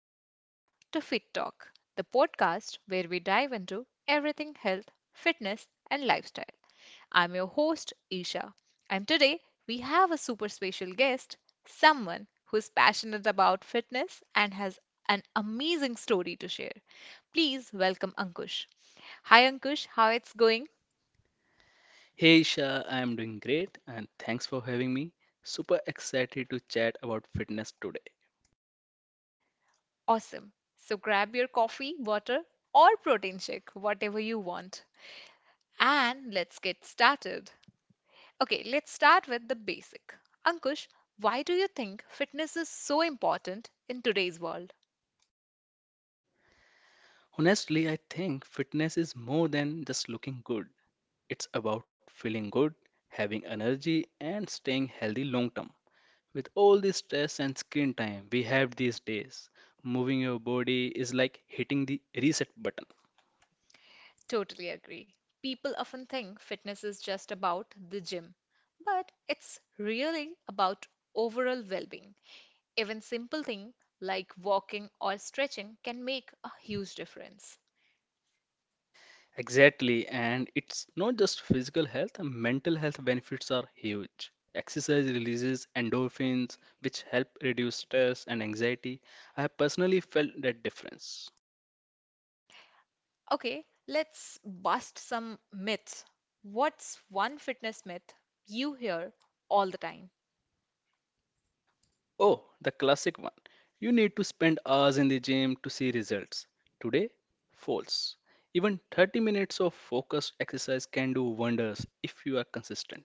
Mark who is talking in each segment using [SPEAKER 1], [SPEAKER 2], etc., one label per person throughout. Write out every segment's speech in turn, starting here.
[SPEAKER 1] Welcome back to Fit Talk, the podcast where we dive into everything health, fitness, and lifestyle. I'm your host, Isha, and today we have a super special guest, someone who's passionate about fitness and has an amazing story to share. Please welcome Ankush. Hi, Ankush. How it's going?
[SPEAKER 2] Hey Isha, I am doing great and thanks for having me. Super excited to chat about fitness today.
[SPEAKER 1] Awesome. So grab your coffee, water, or protein shake, whatever you want. And let's get started. Okay, let's start with the basic. Ankush, why do you think fitness is so important in today's world?
[SPEAKER 2] Honestly, I think fitness is more than just looking good. It's about feeling good, having energy, and staying healthy long term. With all the stress and screen time we have these days, moving your body is like hitting the reset button.
[SPEAKER 1] Totally agree. People often think fitness is just about the gym, but it's really about overall well being. Even simple things like walking or stretching can make a huge difference.
[SPEAKER 2] Exactly, and it's not just physical health, mental health benefits are huge. Exercise releases endorphins, which help reduce stress and anxiety. I have personally felt that difference.
[SPEAKER 1] Okay, let's bust some myths. What's one fitness myth you hear all the time?
[SPEAKER 2] Oh, the classic one. You need to spend hours in the gym to see results. Today, false. Even 30 minutes of focused exercise can do wonders if you are consistent.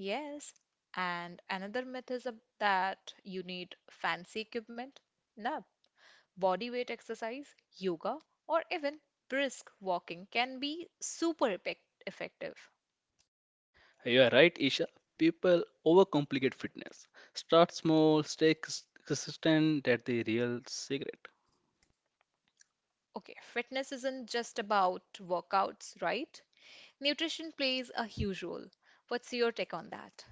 [SPEAKER 1] Yes, and another myth is that you need fancy equipment. No, body weight exercise, yoga, or even brisk walking can be super effective.
[SPEAKER 2] You are right, Isha. People overcomplicate fitness. Start small, stay consistent. That's the real secret.
[SPEAKER 1] Okay, fitness isn't just about workouts, right? Nutrition plays a huge role. What's your take on that?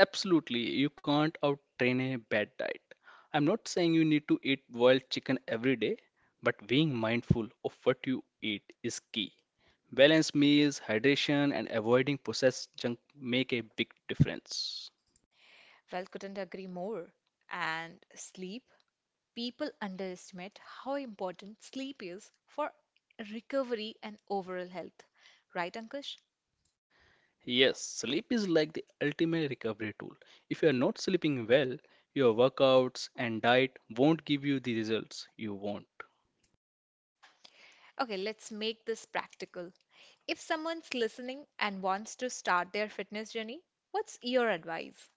[SPEAKER 2] Absolutely, you can't out train a bad diet. I'm not saying you need to eat boiled chicken every day, but being mindful of what you eat is key. Balanced meals, hydration, and avoiding processed junk make a big difference.
[SPEAKER 1] Well, couldn't agree more. And sleep, people underestimate how important sleep is for recovery and overall health. Right, Ankush?
[SPEAKER 2] Yes, sleep is like the ultimate recovery tool. If you are not sleeping well, your workouts and diet won't give you the results you want.
[SPEAKER 1] Okay, let's make this practical. If someone's listening and wants to start their fitness journey, what's your advice?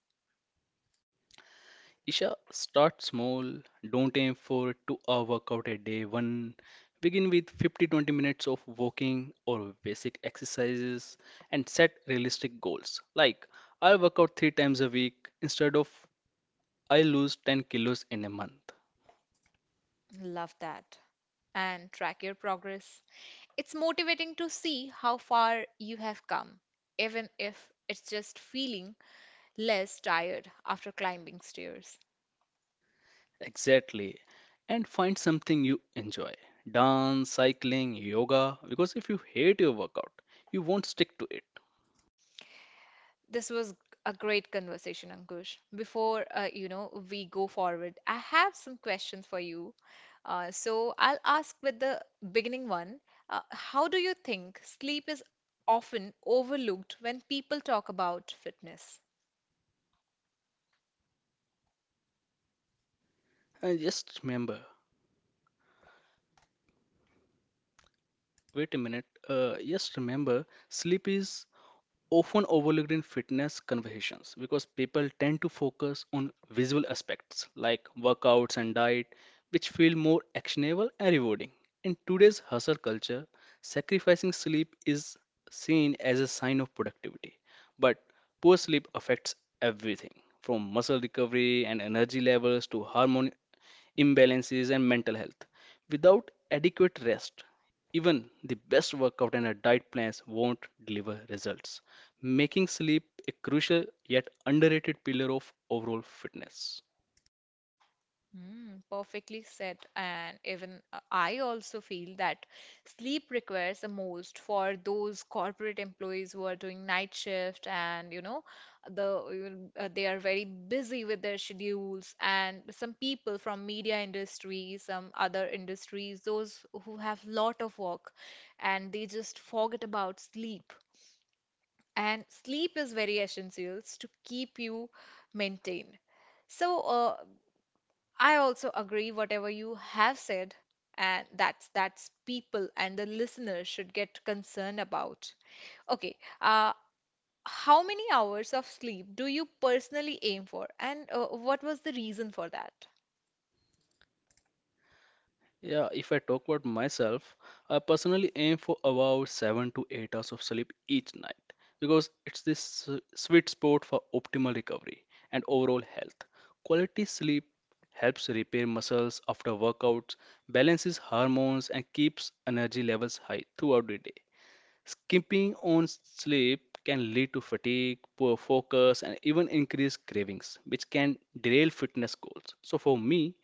[SPEAKER 2] Isha, start small. Don't aim for 2-hour workout a day. 1 begin with 50 20 minutes of walking or basic exercises and set realistic goals. Like I'll work out 3 times a week instead of I lose 10 kilos in a month.
[SPEAKER 1] Love that. And track your progress. It's motivating to see how far you have come, even if it's just feeling less tired after climbing stairs.
[SPEAKER 2] Exactly. And find something you enjoy. Dance, cycling, yoga. Because if you hate your workout, you won't stick to it.
[SPEAKER 1] This was a great conversation, Ankush. Before we go forward, I have some questions for you. So I'll ask with the beginning one. How do you think sleep is often overlooked when people talk about fitness?
[SPEAKER 2] And just remember, wait a minute. Just remember, sleep is often overlooked in fitness conversations because people tend to focus on visual aspects like workouts and diet, which feel more actionable and rewarding. In today's hustle culture, sacrificing sleep is seen as a sign of productivity, but poor sleep affects everything from muscle recovery and energy levels to hormone imbalances, and mental health. Without adequate rest, even the best workout and a diet plans won't deliver results, making sleep a crucial yet underrated pillar of overall fitness.
[SPEAKER 1] Perfectly said. And even I also feel that sleep requires the most for those corporate employees who are doing night shift, and you know they are very busy with their schedules, and some people from media industry, some other industries, those who have lot of work, and they just forget about sleep. And sleep is very essential to keep you maintained. So, I also agree whatever you have said, and that's people and the listeners should get concerned about. Okay, uh, how many hours of sleep do you personally aim for, and what was the reason for that?
[SPEAKER 2] Yeah, if I talk about myself, I personally aim for about 7 to 8 hours of sleep each night because it's this sweet spot for optimal recovery and overall health. Quality sleep helps repair muscles after workouts, balances hormones, and keeps energy levels high throughout the day. Skimping on sleep can lead to fatigue, poor focus, and even increased cravings, which can derail fitness goals. So, for me,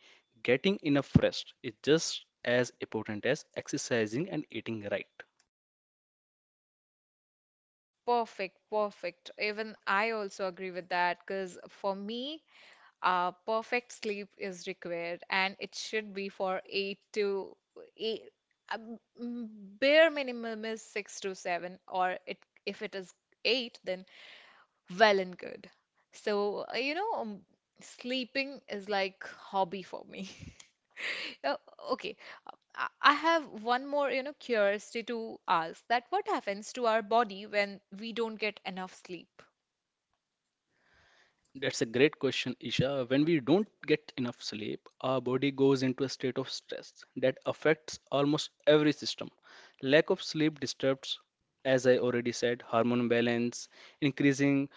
[SPEAKER 2] getting enough rest is just as important as exercising and eating right.
[SPEAKER 1] Perfect, perfect. Even I also agree with that because for me, perfect sleep is required, and it should be for eight to eight, uh, m- bare minimum is six to seven, or it if it is eight, then well and good. So, sleeping is like hobby for me. Uh, Okay, I have one more, curiosity to ask that what happens to our body when we don't get enough sleep?
[SPEAKER 2] That's a great question, Isha. When we don't get enough sleep, our body goes into a state of stress that affects almost every system. Lack of sleep disturbs, as I already said, hormone balance, increasing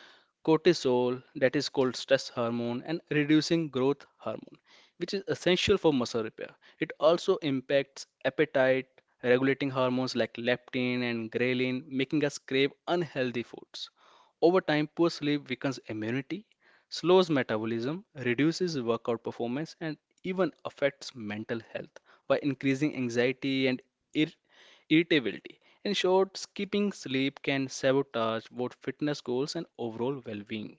[SPEAKER 2] cortisol, that is called stress hormone, and reducing growth hormone, which is essential for muscle repair. It also impacts appetite, regulating hormones like leptin and ghrelin, making us crave unhealthy foods. Over time, poor sleep weakens immunity, slows metabolism, reduces workout performance, and even affects mental health by increasing anxiety and ir- irritability. In short, skipping sleep can sabotage both fitness goals and overall well being.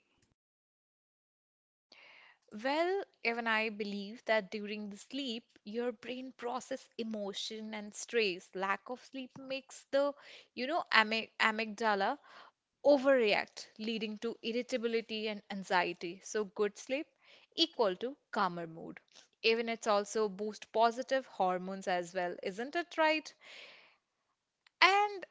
[SPEAKER 1] Well, even I believe that during the sleep, your brain process emotion and stress. Lack of sleep makes the, amygdala overreact, leading to irritability and anxiety. So good sleep equal to calmer mood. Even it's also boost positive hormones as well, isn't it right? And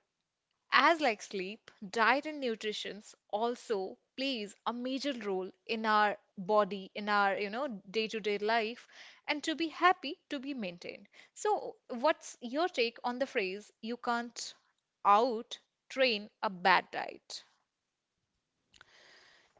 [SPEAKER 1] as like sleep, diet and nutrition also plays a major role in our body, in our, day-to-day life, and to be happy, to be maintained. So, what's your take on the phrase, you can't out train a bad diet?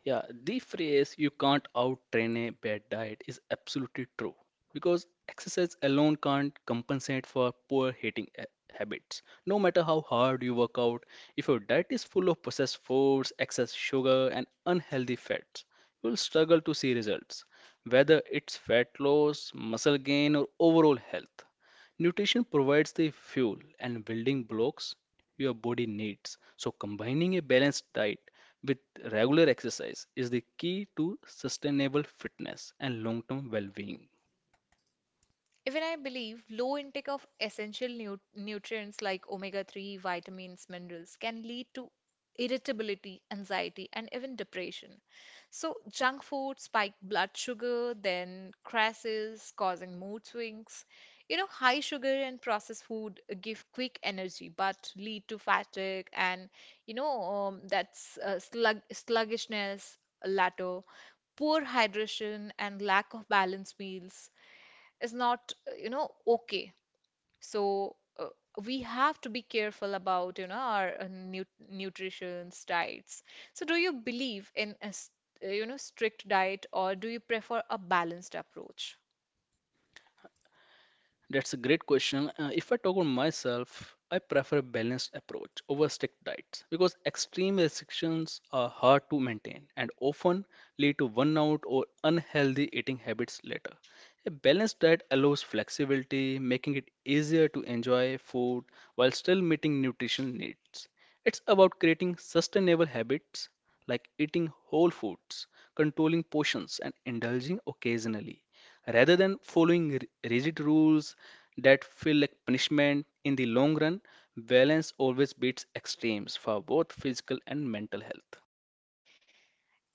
[SPEAKER 2] Yeah, the phrase you can't out train a bad diet is absolutely true because exercise alone can't compensate for poor eating habits. No matter how hard you work out, if your diet is full of processed foods, excess sugar, and unhealthy fats, you will struggle to see results, whether it's fat loss, muscle gain, or overall health. Nutrition provides the fuel and building blocks your body needs. So, combining a balanced diet with regular exercise is the key to sustainable fitness and long term well being.
[SPEAKER 1] Even I believe low intake of essential nu nutrients like omega-3, vitamins, minerals can lead to irritability, anxiety, and even depression. So, junk food spike blood sugar, then crashes, causing mood swings. High sugar and processed food give quick energy but lead to fatigue and, you know, that's sluggishness, latter, poor hydration, and lack of balanced meals is not okay. So we have to be careful about our nu nutrition diets. So do you believe in a strict diet, or do you prefer a balanced approach?
[SPEAKER 2] That's a great question. If I talk about myself, I prefer a balanced approach over strict diets because extreme restrictions are hard to maintain and often lead to burnout or unhealthy eating habits later. A balanced diet allows flexibility, making it easier to enjoy food while still meeting nutrition needs. It's about creating sustainable habits like eating whole foods, controlling portions, and indulging occasionally. Rather than following rigid rules that feel like punishment in the long run, balance always beats extremes for both physical and mental health.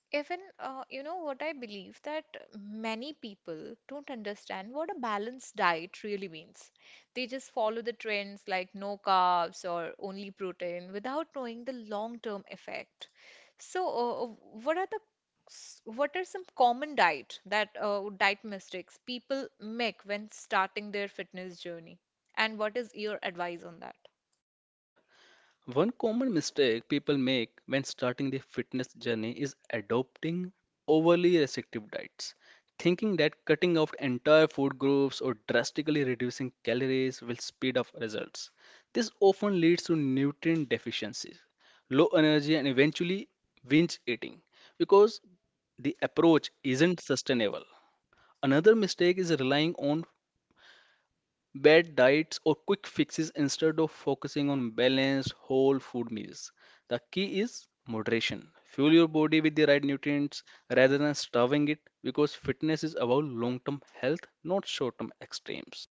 [SPEAKER 1] Even, you know what I believe, that many people don't understand what a balanced diet really means. They just follow the trends like no carbs or only protein without knowing the long-term effect. So, what are the what are some common diet mistakes people make when starting their fitness journey? And what is your advice on that?
[SPEAKER 2] One common mistake people make when starting their fitness journey is adopting overly restrictive diets, thinking that cutting out entire food groups or drastically reducing calories will speed up results. This often leads to nutrient deficiencies, low energy, and eventually binge eating because the approach isn't sustainable. Another mistake is relying on bad diets or quick fixes instead of focusing on balanced whole food meals. The key is moderation. Fuel your body with the right nutrients rather than starving it because fitness is about long term health, not short term extremes.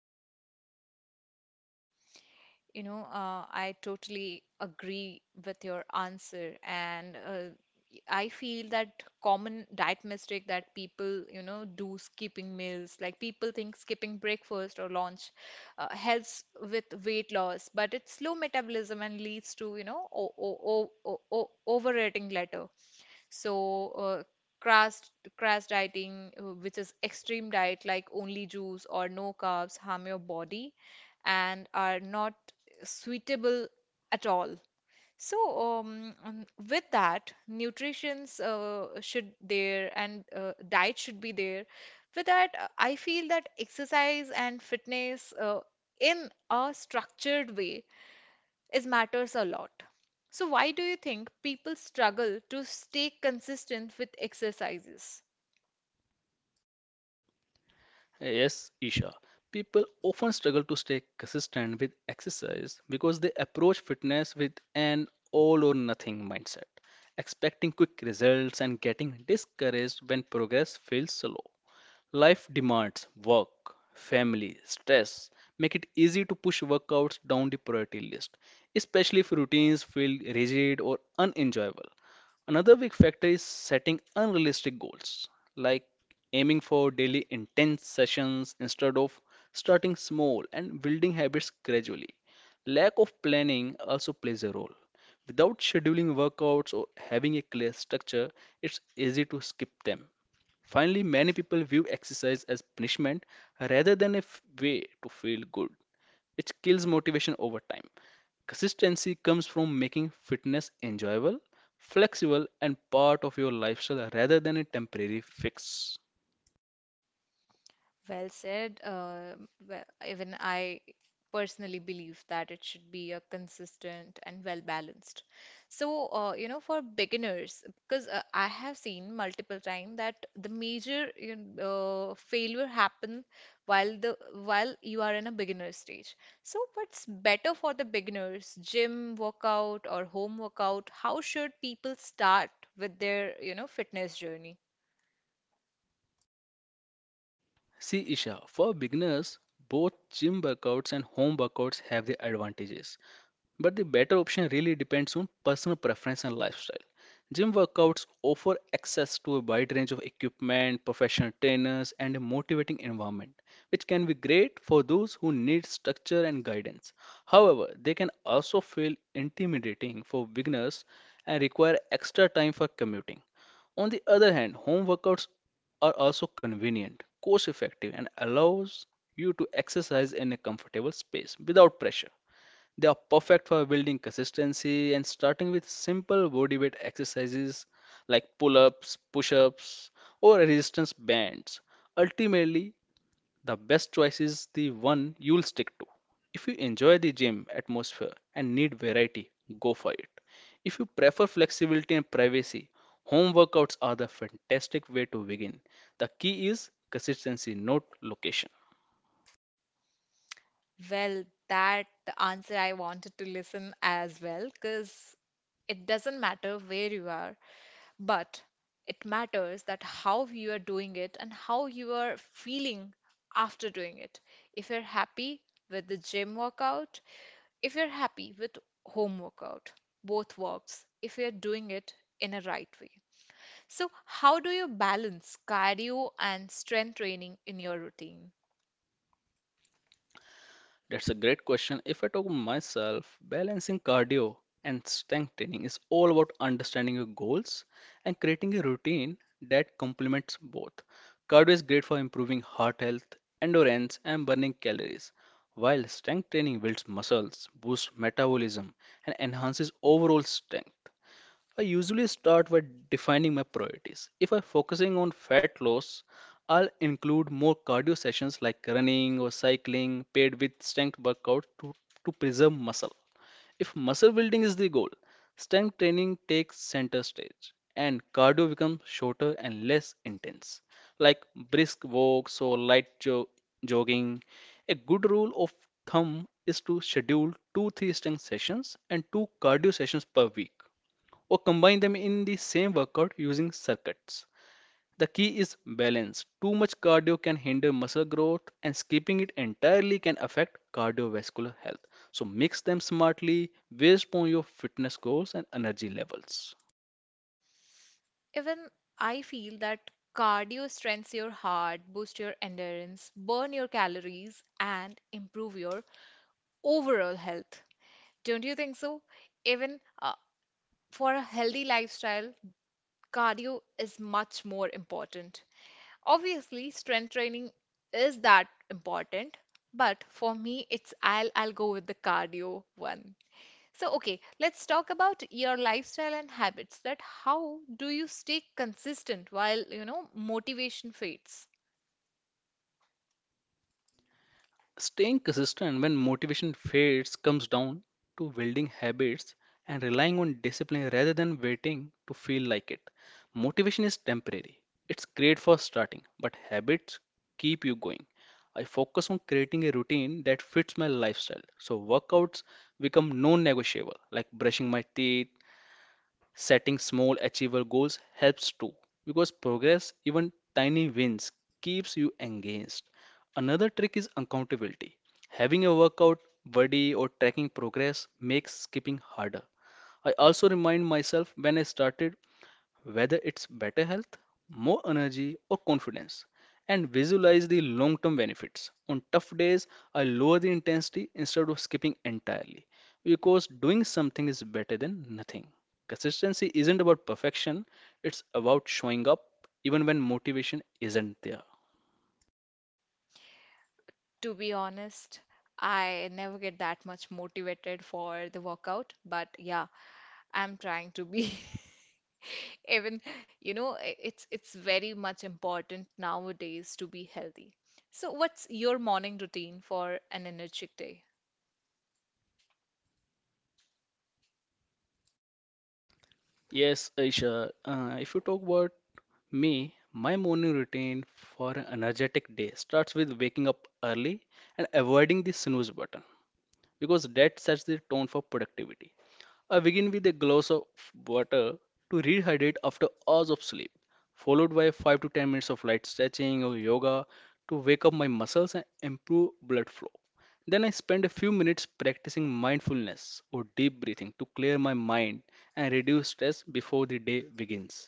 [SPEAKER 1] I totally agree with your answer, and I feel that common diet mistake that people, do skipping meals. Like people think skipping breakfast or lunch helps with weight loss, but it's slow metabolism and leads to, o o o o overeating later. So, crash crash dieting, which is extreme diet like only juice or no carbs, harm your body and are not suitable at all. So, with that, nutrition's should there, and diet should be there. With that, I feel that exercise and fitness in a structured way is matters a lot. So, why do you think people struggle to stay consistent with exercises?
[SPEAKER 2] Yes, Isha. People often struggle to stay consistent with exercise because they approach fitness with an all or nothing mindset, expecting quick results and getting discouraged when progress feels slow. Life demands work, family, stress make it easy to push workouts down the priority list, especially if routines feel rigid or unenjoyable. Another big factor is setting unrealistic goals, like aiming for daily intense sessions instead of starting small and building habits gradually. Lack of planning also plays a role. Without scheduling workouts or having a clear structure, it's easy to skip them. Finally, many people view exercise as punishment rather than a way to feel good. It kills motivation over time. Consistency comes from making fitness enjoyable, flexible, and part of your lifestyle rather than a temporary fix.
[SPEAKER 1] Well said. Well, even I personally believe that it should be a consistent and well balanced. So, for beginners, because I have seen multiple times that the major, you know, failure happen while the while you are in a beginner stage. So, what's better for the beginners, gym workout or home workout? How should people start with their, fitness journey?
[SPEAKER 2] See, Isha, for beginners, both gym workouts and home workouts have their advantages. But the better option really depends on personal preference and lifestyle. Gym workouts offer access to a wide range of equipment, professional trainers, and a motivating environment, which can be great for those who need structure and guidance. However, they can also feel intimidating for beginners and require extra time for commuting. On the other hand, home workouts are also convenient, cost effective, and allows you to exercise in a comfortable space without pressure. They are perfect for building consistency and starting with simple body weight exercises like pull ups, push ups, or resistance bands. Ultimately, the best choice is the one you'll stick to. If you enjoy the gym atmosphere and need variety, go for it. If you prefer flexibility and privacy, home workouts are the fantastic way to begin. The key is consistency, not location.
[SPEAKER 1] Well, that answer I wanted to listen as well, because it doesn't matter where you are, but it matters that how you are doing it and how you are feeling after doing it. If you're happy with the gym workout, if you're happy with home workout, both works, if you're doing it in a right way. So, how do you balance cardio and strength training in your routine?
[SPEAKER 2] That's a great question. If I talk about myself, balancing cardio and strength training is all about understanding your goals and creating a routine that complements both. Cardio is great for improving heart health, endurance, and burning calories, while strength training builds muscles, boosts metabolism, and enhances overall strength. I usually start by defining my priorities. If I'm focusing on fat loss, I'll include more cardio sessions like running or cycling paired with strength workout to preserve muscle. If muscle building is the goal, strength training takes center stage and cardio becomes shorter and less intense, like brisk walks or light jogging. A good rule of thumb is to schedule 2 3 strength sessions and 2 cardio sessions per week or combine them in the same workout using circuits. The key is balance. Too much cardio can hinder muscle growth, and skipping it entirely can affect cardiovascular health. So, mix them smartly based on your fitness goals and energy levels.
[SPEAKER 1] Even I feel that cardio strengthens your heart, boosts your endurance, burn your calories, and improve your overall health. Don't you think so? Even for a healthy lifestyle, cardio is much more important. Obviously, strength training is that important, but for me, it's I'll go with the cardio one. So, okay, let's talk about your lifestyle and habits. That how do you stay consistent while, motivation fades?
[SPEAKER 2] Staying consistent when motivation fades comes down to building habits and relying on discipline rather than waiting to feel like it. Motivation is temporary, it's great for starting, but habits keep you going. I focus on creating a routine that fits my lifestyle, so workouts become non negotiable, like brushing my teeth. Setting small, achievable goals helps too, because progress, even tiny wins, keeps you engaged. Another trick is accountability. Having a workout buddy or tracking progress makes skipping harder. I also remind myself when I started, whether it's better health, more energy, or confidence, and visualize the long term benefits. On tough days, I lower the intensity instead of skipping entirely because doing something is better than nothing. Consistency isn't about perfection, it's about showing up even when motivation isn't there.
[SPEAKER 1] To be honest, I never get that much motivated for the workout, but yeah, I'm trying to be. Even, it's very much important nowadays to be healthy. So, what's your morning routine for an energetic day?
[SPEAKER 2] Yes, Aisha, if you talk about me, my morning routine for an energetic day starts with waking up early and avoiding the snooze button, because that sets the tone for productivity. I begin with a glass of water to rehydrate after hours of sleep, followed by 5 to 10 minutes of light stretching or yoga to wake up my muscles and improve blood flow. Then I spend a few minutes practicing mindfulness or deep breathing to clear my mind and reduce stress before the day begins.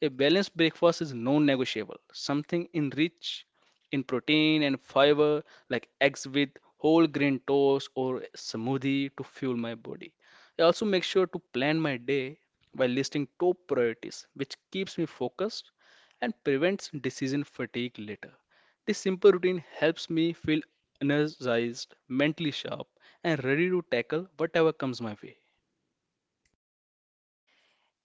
[SPEAKER 2] A balanced breakfast is non negotiable, something enriched in protein and fiber, like eggs with whole grain toast or smoothie to fuel my body. I also make sure to plan my day by listing top priorities, which keeps me focused and prevents decision fatigue later. This simple routine helps me feel energized, mentally sharp, and ready to tackle whatever comes my way.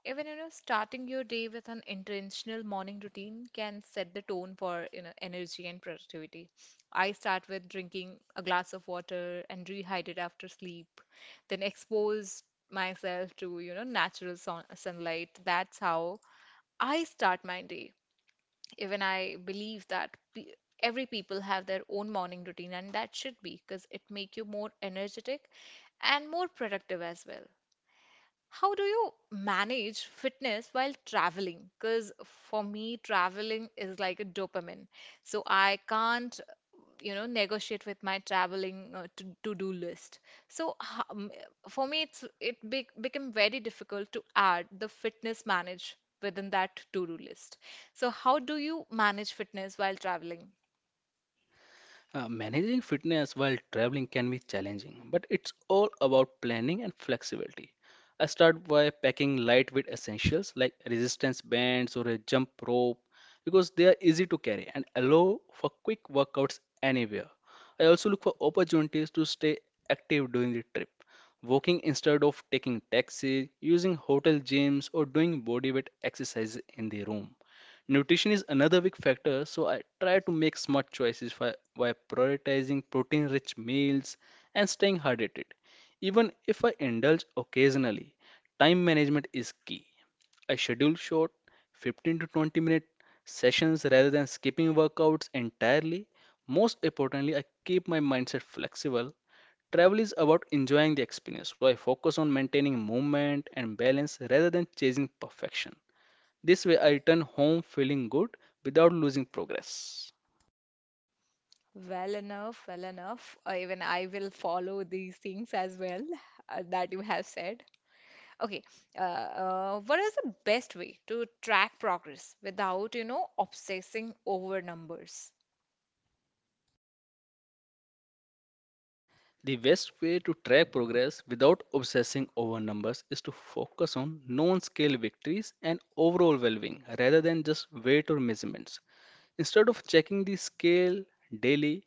[SPEAKER 1] Even, starting your day with an intentional morning routine can set the tone for, energy and productivity. I start with drinking a glass of water and rehydrate after sleep, then expose myself to, natural sunlight. That's how I start my day. Even I believe that pe every people have their own morning routine, and that should be because it make you more energetic and more productive as well. How do you manage fitness while traveling? Because for me, traveling is like a dopamine. So I can't, negotiate with my traveling to to-do list. So for me, it's it be became very difficult to add the fitness manage within that to-do list. So how do you manage fitness while traveling?
[SPEAKER 2] Managing fitness while traveling can be challenging, but it's all about planning and flexibility. I start by packing lightweight essentials like resistance bands or a jump rope because they are easy to carry and allow for quick workouts anywhere. I also look for opportunities to stay active during the trip, walking instead of taking taxis, using hotel gyms, or doing bodyweight exercises in the room. Nutrition is another big factor, so I try to make smart choices by prioritizing protein rich meals and staying hydrated. Even if I indulge occasionally, time management is key. I schedule short 15 to 20 minute sessions rather than skipping workouts entirely. Most importantly, I keep my mindset flexible. Travel is about enjoying the experience, so I focus on maintaining movement and balance rather than chasing perfection. This way I return home feeling good without losing progress.
[SPEAKER 1] Well enough, well enough. Even I will follow these things as well that you have said. Okay, what is the best way to track progress without, obsessing over numbers?
[SPEAKER 2] The best way to track progress without obsessing over numbers is to focus on known scale victories and overall well being rather than just weight or measurements. Instead of checking the scale daily,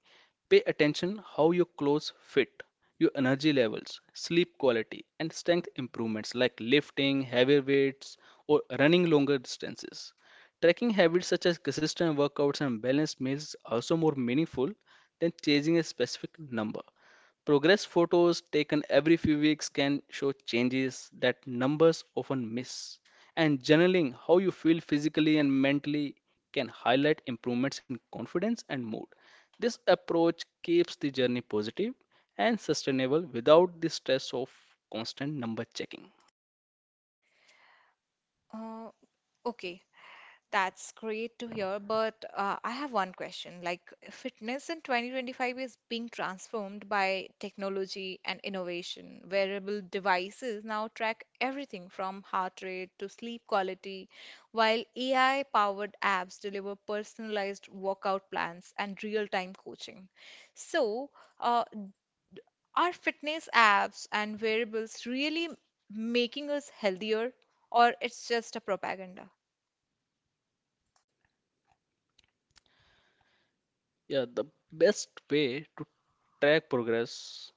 [SPEAKER 2] pay attention how your clothes fit, your energy levels, sleep quality, and strength improvements like lifting heavier weights or running longer distances. Tracking habits such as consistent workouts and balanced meals is also more meaningful than chasing a specific number. Progress photos taken every few weeks can show changes that numbers often miss. And journaling how you feel physically and mentally can highlight improvements in confidence and mood. This approach keeps the journey positive and sustainable without the stress of constant number checking.
[SPEAKER 1] Uh, okay, that's great to hear, but I have one question. Like, fitness in 2025 is being transformed by technology and innovation. Wearable devices now track everything from heart rate to sleep quality, while AI-powered apps deliver personalized workout plans and real-time coaching. So, uh, are fitness apps and wearables really making us healthier, or it's just a propaganda?
[SPEAKER 2] Yeah, the best way to track progress.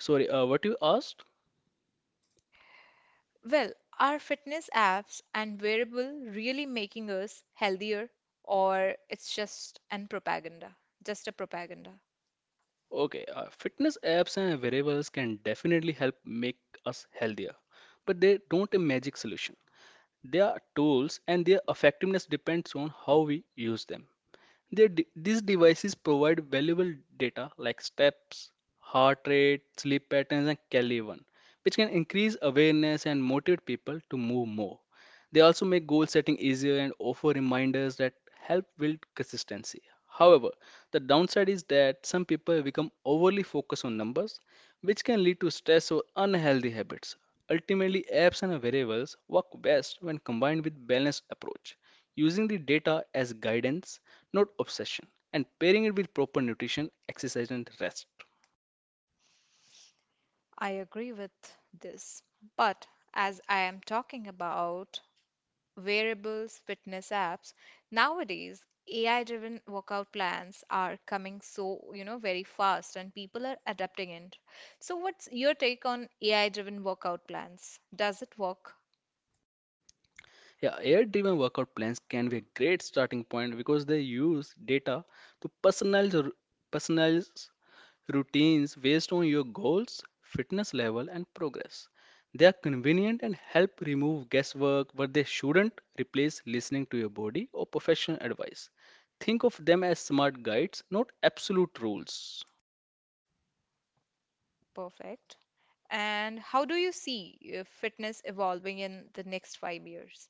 [SPEAKER 2] Sorry, what you asked?
[SPEAKER 1] Well, are fitness apps and wearable really making us healthier, or it's just an propaganda? Just a propaganda.
[SPEAKER 2] Okay, fitness apps and variables can definitely help make us healthier, but they don't a magic solution. They are tools and their effectiveness depends on how we use them. These devices provide valuable data like steps, heart rate, sleep patterns, and Kelly one, which can increase awareness and motivate people to move more. They also make goal setting easier and offer reminders that help build consistency. However, the downside is that some people become overly focused on numbers, which can lead to stress or unhealthy habits. Ultimately, apps and variables work best when combined with balanced approach, using the data as guidance, not obsession, and pairing it with proper nutrition, exercise, and rest.
[SPEAKER 1] I agree with this. But as I am talking about wearables, fitness apps, nowadays AI-driven workout plans are coming so, very fast, and people are adapting it. So what's your take on AI-driven workout plans? Does it work?
[SPEAKER 2] Yeah, AI-driven workout plans can be a great starting point because they use data to personalize routines based on your goals, fitness level, and progress. They are convenient and help remove guesswork, but they shouldn't replace listening to your body or professional advice. Think of them as smart guides, not absolute rules.
[SPEAKER 1] Perfect. And how do you see fitness evolving in the next 5 years?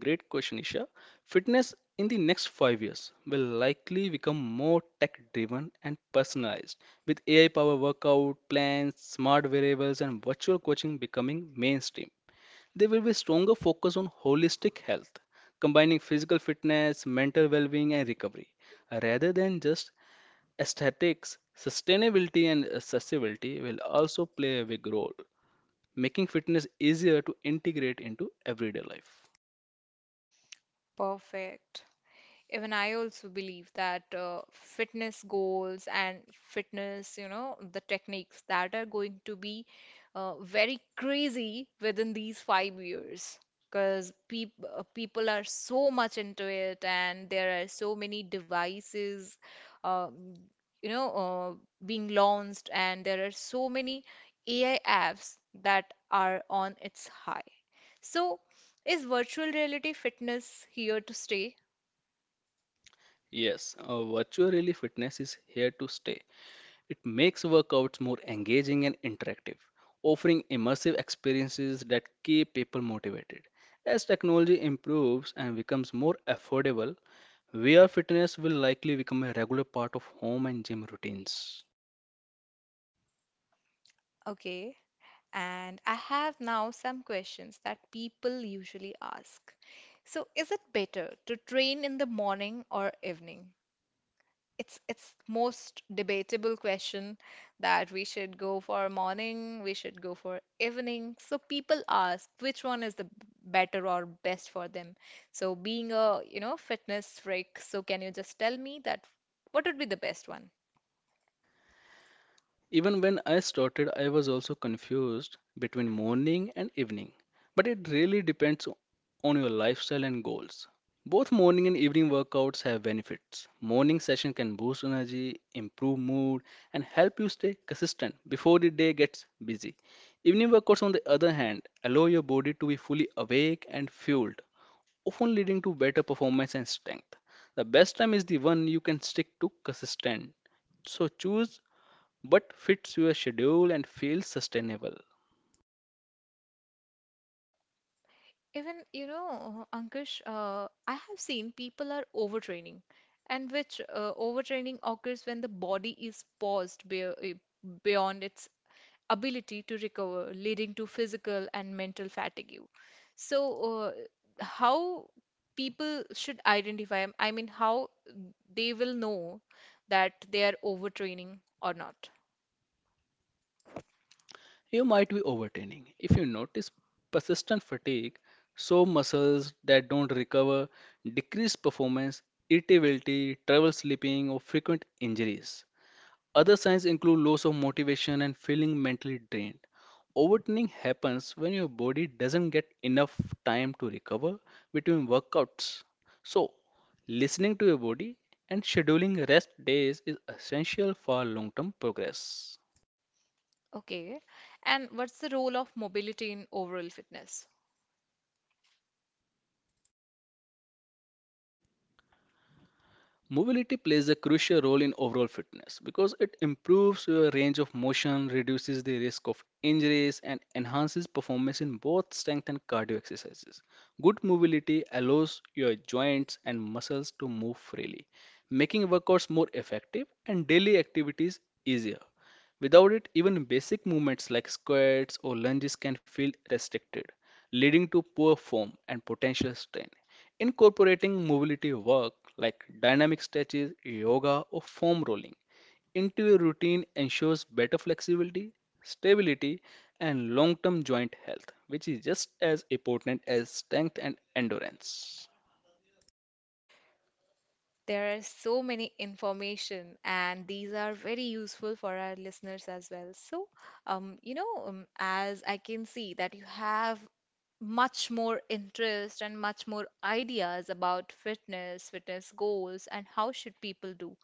[SPEAKER 2] Great question, Isha. Fitness in the next 5 years will likely become more tech driven and personalized, with AI powered workout plans, smart variables, and virtual coaching becoming mainstream. There will be stronger focus on holistic health, combining physical fitness, mental well being, and recovery, rather than just aesthetics. Sustainability and accessibility will also play a big role, making fitness easier to integrate into everyday life.
[SPEAKER 1] Perfect. Even I also believe that fitness goals and fitness, the techniques that are going to be very crazy within these 5 years. Because people are so much into it, and there are so many devices, uh, you know, uh, being launched, and there are so many AI apps that are on its high. So, is virtual reality fitness here to stay?
[SPEAKER 2] Yes, virtual reality fitness is here to stay. It makes workouts more engaging and interactive, offering immersive experiences that keep people motivated. As technology improves and becomes more affordable, VR fitness will likely become a regular part of home and gym routines.
[SPEAKER 1] Okay. And I have now some questions that people usually ask. So, is it better to train in the morning or evening? It's most debatable question that we should go for morning, we should go for evening. So people ask which one is the better or best for them. So being a, fitness freak, so can you just tell me that what would be the best one?
[SPEAKER 2] Even when I started, I was also confused between morning and evening. But it really depends on your lifestyle and goals. Both morning and evening workouts have benefits. Morning session can boost energy, improve mood, and help you stay consistent before the day gets busy. Evening workouts, on the other hand, allow your body to be fully awake and fueled, often leading to better performance and strength. The best time is the one you can stick to consistent. So choose but fits your schedule and feels sustainable.
[SPEAKER 1] Even, Ankush, I have seen people are overtraining, and which overtraining occurs when the body is paused beyond its ability to recover, leading to physical and mental fatigue. So, uh, how people should identify, I mean, how they will know that they are overtraining or not.
[SPEAKER 2] You might be overtraining. If you notice persistent fatigue, sore muscles that don't recover, decreased performance, irritability, trouble sleeping, or frequent injuries. Other signs include loss of motivation and feeling mentally drained. Overtraining happens when your body doesn't get enough time to recover between workouts. So, listening to your body and scheduling rest days is essential for long term progress.
[SPEAKER 1] Okay. And what's the role of mobility in overall fitness?
[SPEAKER 2] Mobility plays a crucial role in overall fitness because it improves your range of motion, reduces the risk of injuries, and enhances performance in both strength and cardio exercises. Good mobility allows your joints and muscles to move freely, making workouts more effective and daily activities easier. Without it, even basic movements like squats or lunges can feel restricted, leading to poor form and potential strain. Incorporating mobility work like dynamic stretches, yoga, or foam rolling into your routine ensures better flexibility, stability, and long term joint health, which is just as important as strength and endurance.
[SPEAKER 1] There are so many information, and these are very useful for our listeners as well. So, as I can see that you have much more interest and much more ideas about fitness, fitness goals, and how should people do.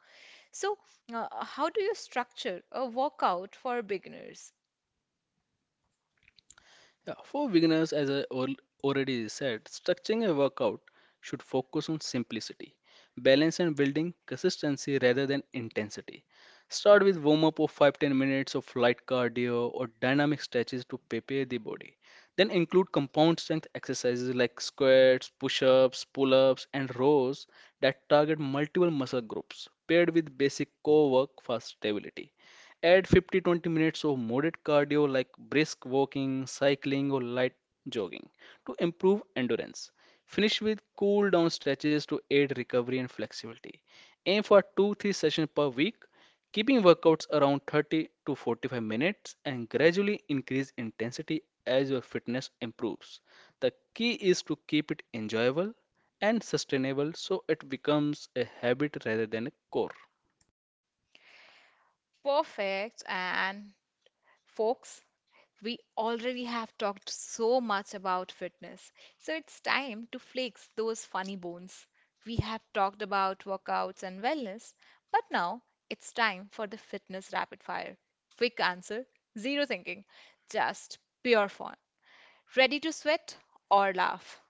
[SPEAKER 1] So, how do you structure a workout for beginners?
[SPEAKER 2] Yeah, for beginners, as already said, structuring a workout should focus on simplicity, balance, and building consistency rather than intensity. Start with warm up of 5 10 minutes of light cardio or dynamic stretches to prepare the body. Then include compound strength exercises like squats, push ups, pull ups, and rows that target multiple muscle groups, paired with basic core work for stability. Add 50 20 minutes of moderate cardio like brisk walking, cycling, or light jogging to improve endurance. Finish with cool down stretches to aid recovery and flexibility. Aim for 2 3 sessions per week, keeping workouts around 30 to 45 minutes and gradually increase intensity as your fitness improves. The key is to keep it enjoyable and sustainable so it becomes a habit rather than a core.
[SPEAKER 1] Perfect. And folks, we already have talked so much about fitness, so it's time to flex those funny bones. We have talked about workouts and wellness, but now it's time for the fitness rapid fire. Quick answer, zero thinking, just pure fun. Ready to sweat or laugh?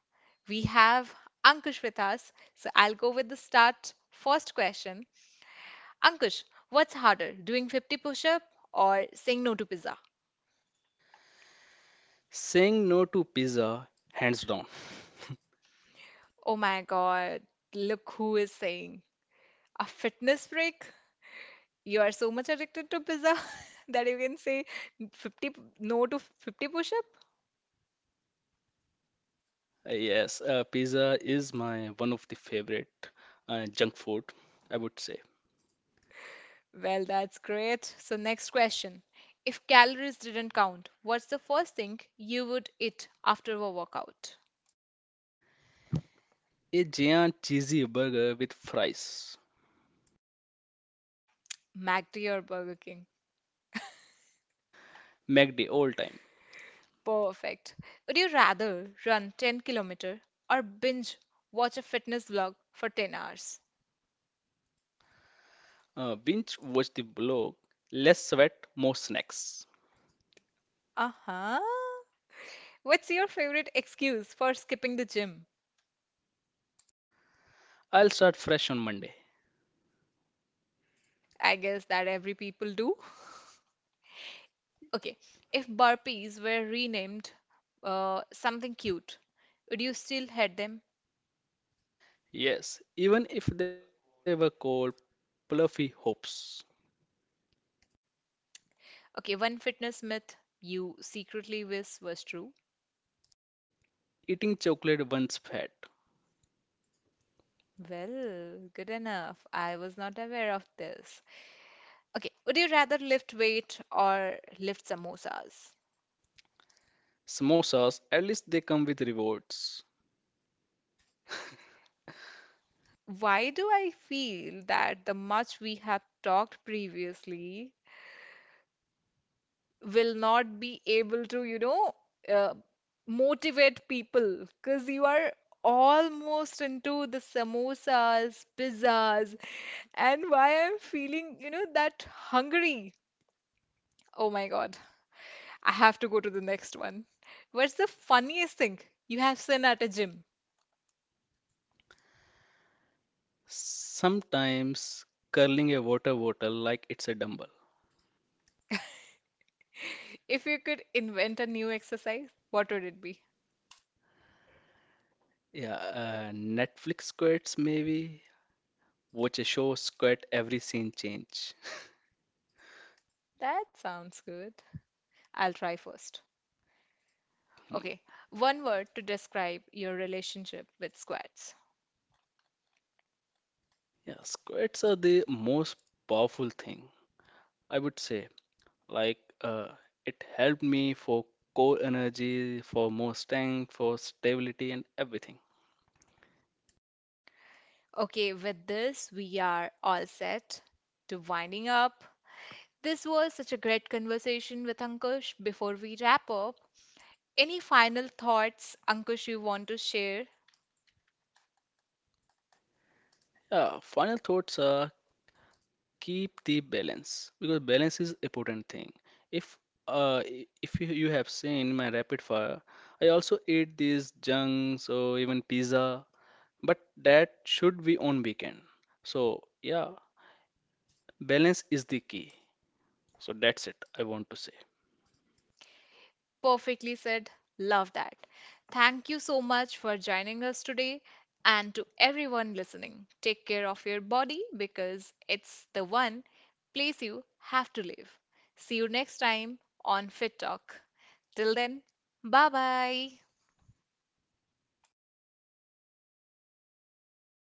[SPEAKER 1] We have Ankush with us, so I'll go with the start. First question, Ankush, what's harder, doing 50 push up or saying no to pizza?
[SPEAKER 2] Saying no to pizza, hands down.
[SPEAKER 1] Oh my God, look who is saying a fitness break. You are so much addicted to pizza that you can say no to 50 push-up.
[SPEAKER 2] Yes, pizza is my one of the favorite junk food, I would say.
[SPEAKER 1] Well, that's great. So next question. If calories didn't count, what's the first thing you would eat after a workout?
[SPEAKER 2] A giant cheesy burger with fries,
[SPEAKER 1] McD or Burger King?
[SPEAKER 2] McD all time.
[SPEAKER 1] Perfect. Would you rather run 10 kilometer or binge watch a fitness vlog for 10 hours?
[SPEAKER 2] Binge watch the blog, less sweat, more snacks.
[SPEAKER 1] Uh-huh. What's your favorite excuse for skipping the gym?
[SPEAKER 2] I'll start fresh on Monday.
[SPEAKER 1] I guess that every people do. Okay, if burpees were renamed something cute, would you still hate them?
[SPEAKER 2] Yes, even if they were called fluffy hopes.
[SPEAKER 1] Okay, one fitness myth you secretly wish was true.
[SPEAKER 2] Eating chocolate once fat.
[SPEAKER 1] Well, good enough. I was not aware of this. Okay, would you rather lift weight or lift samosas?
[SPEAKER 2] Samosas, at least they come with rewards.
[SPEAKER 1] Why do I feel that the much we have talked previously will not be able to, uh, motivate people, because you are almost into the samosas, pizzas, and why I'm feeling, that hungry. Oh my God. I have to go to the next one. What's the funniest thing you have seen at a gym?
[SPEAKER 2] Sometimes curling a water bottle like it's a dumbbell.
[SPEAKER 1] If you could invent a new exercise, what would it be?
[SPEAKER 2] Yeah, Netflix squirts maybe. Watch a show, squirt every scene change.
[SPEAKER 1] That sounds good. I'll try first.
[SPEAKER 2] Hmm.
[SPEAKER 1] Okay, one word to describe your relationship with squats.
[SPEAKER 2] Yeah, squirts are the most powerful thing, I would say. Like, it helped me for core energy, for more strength, for stability, and everything.
[SPEAKER 1] Okay, with this, we are all set to winding up. This was such a great conversation with Ankush. Before we wrap up, any final thoughts, Ankush, you want to share?
[SPEAKER 2] Yeah, final thoughts are keep the balance because balance is important thing if uh if you have seen my rapid fire. I also eat these junks or even pizza, but that should be on weekend. So yeah, balance is the key. So that's it. I want to say.
[SPEAKER 1] Perfectly said. Love that. Thank you so much for joining us today. And to everyone listening, take care of your body because it's the one place you have to live. See you next time on Fit Talk. Till then, bye bye.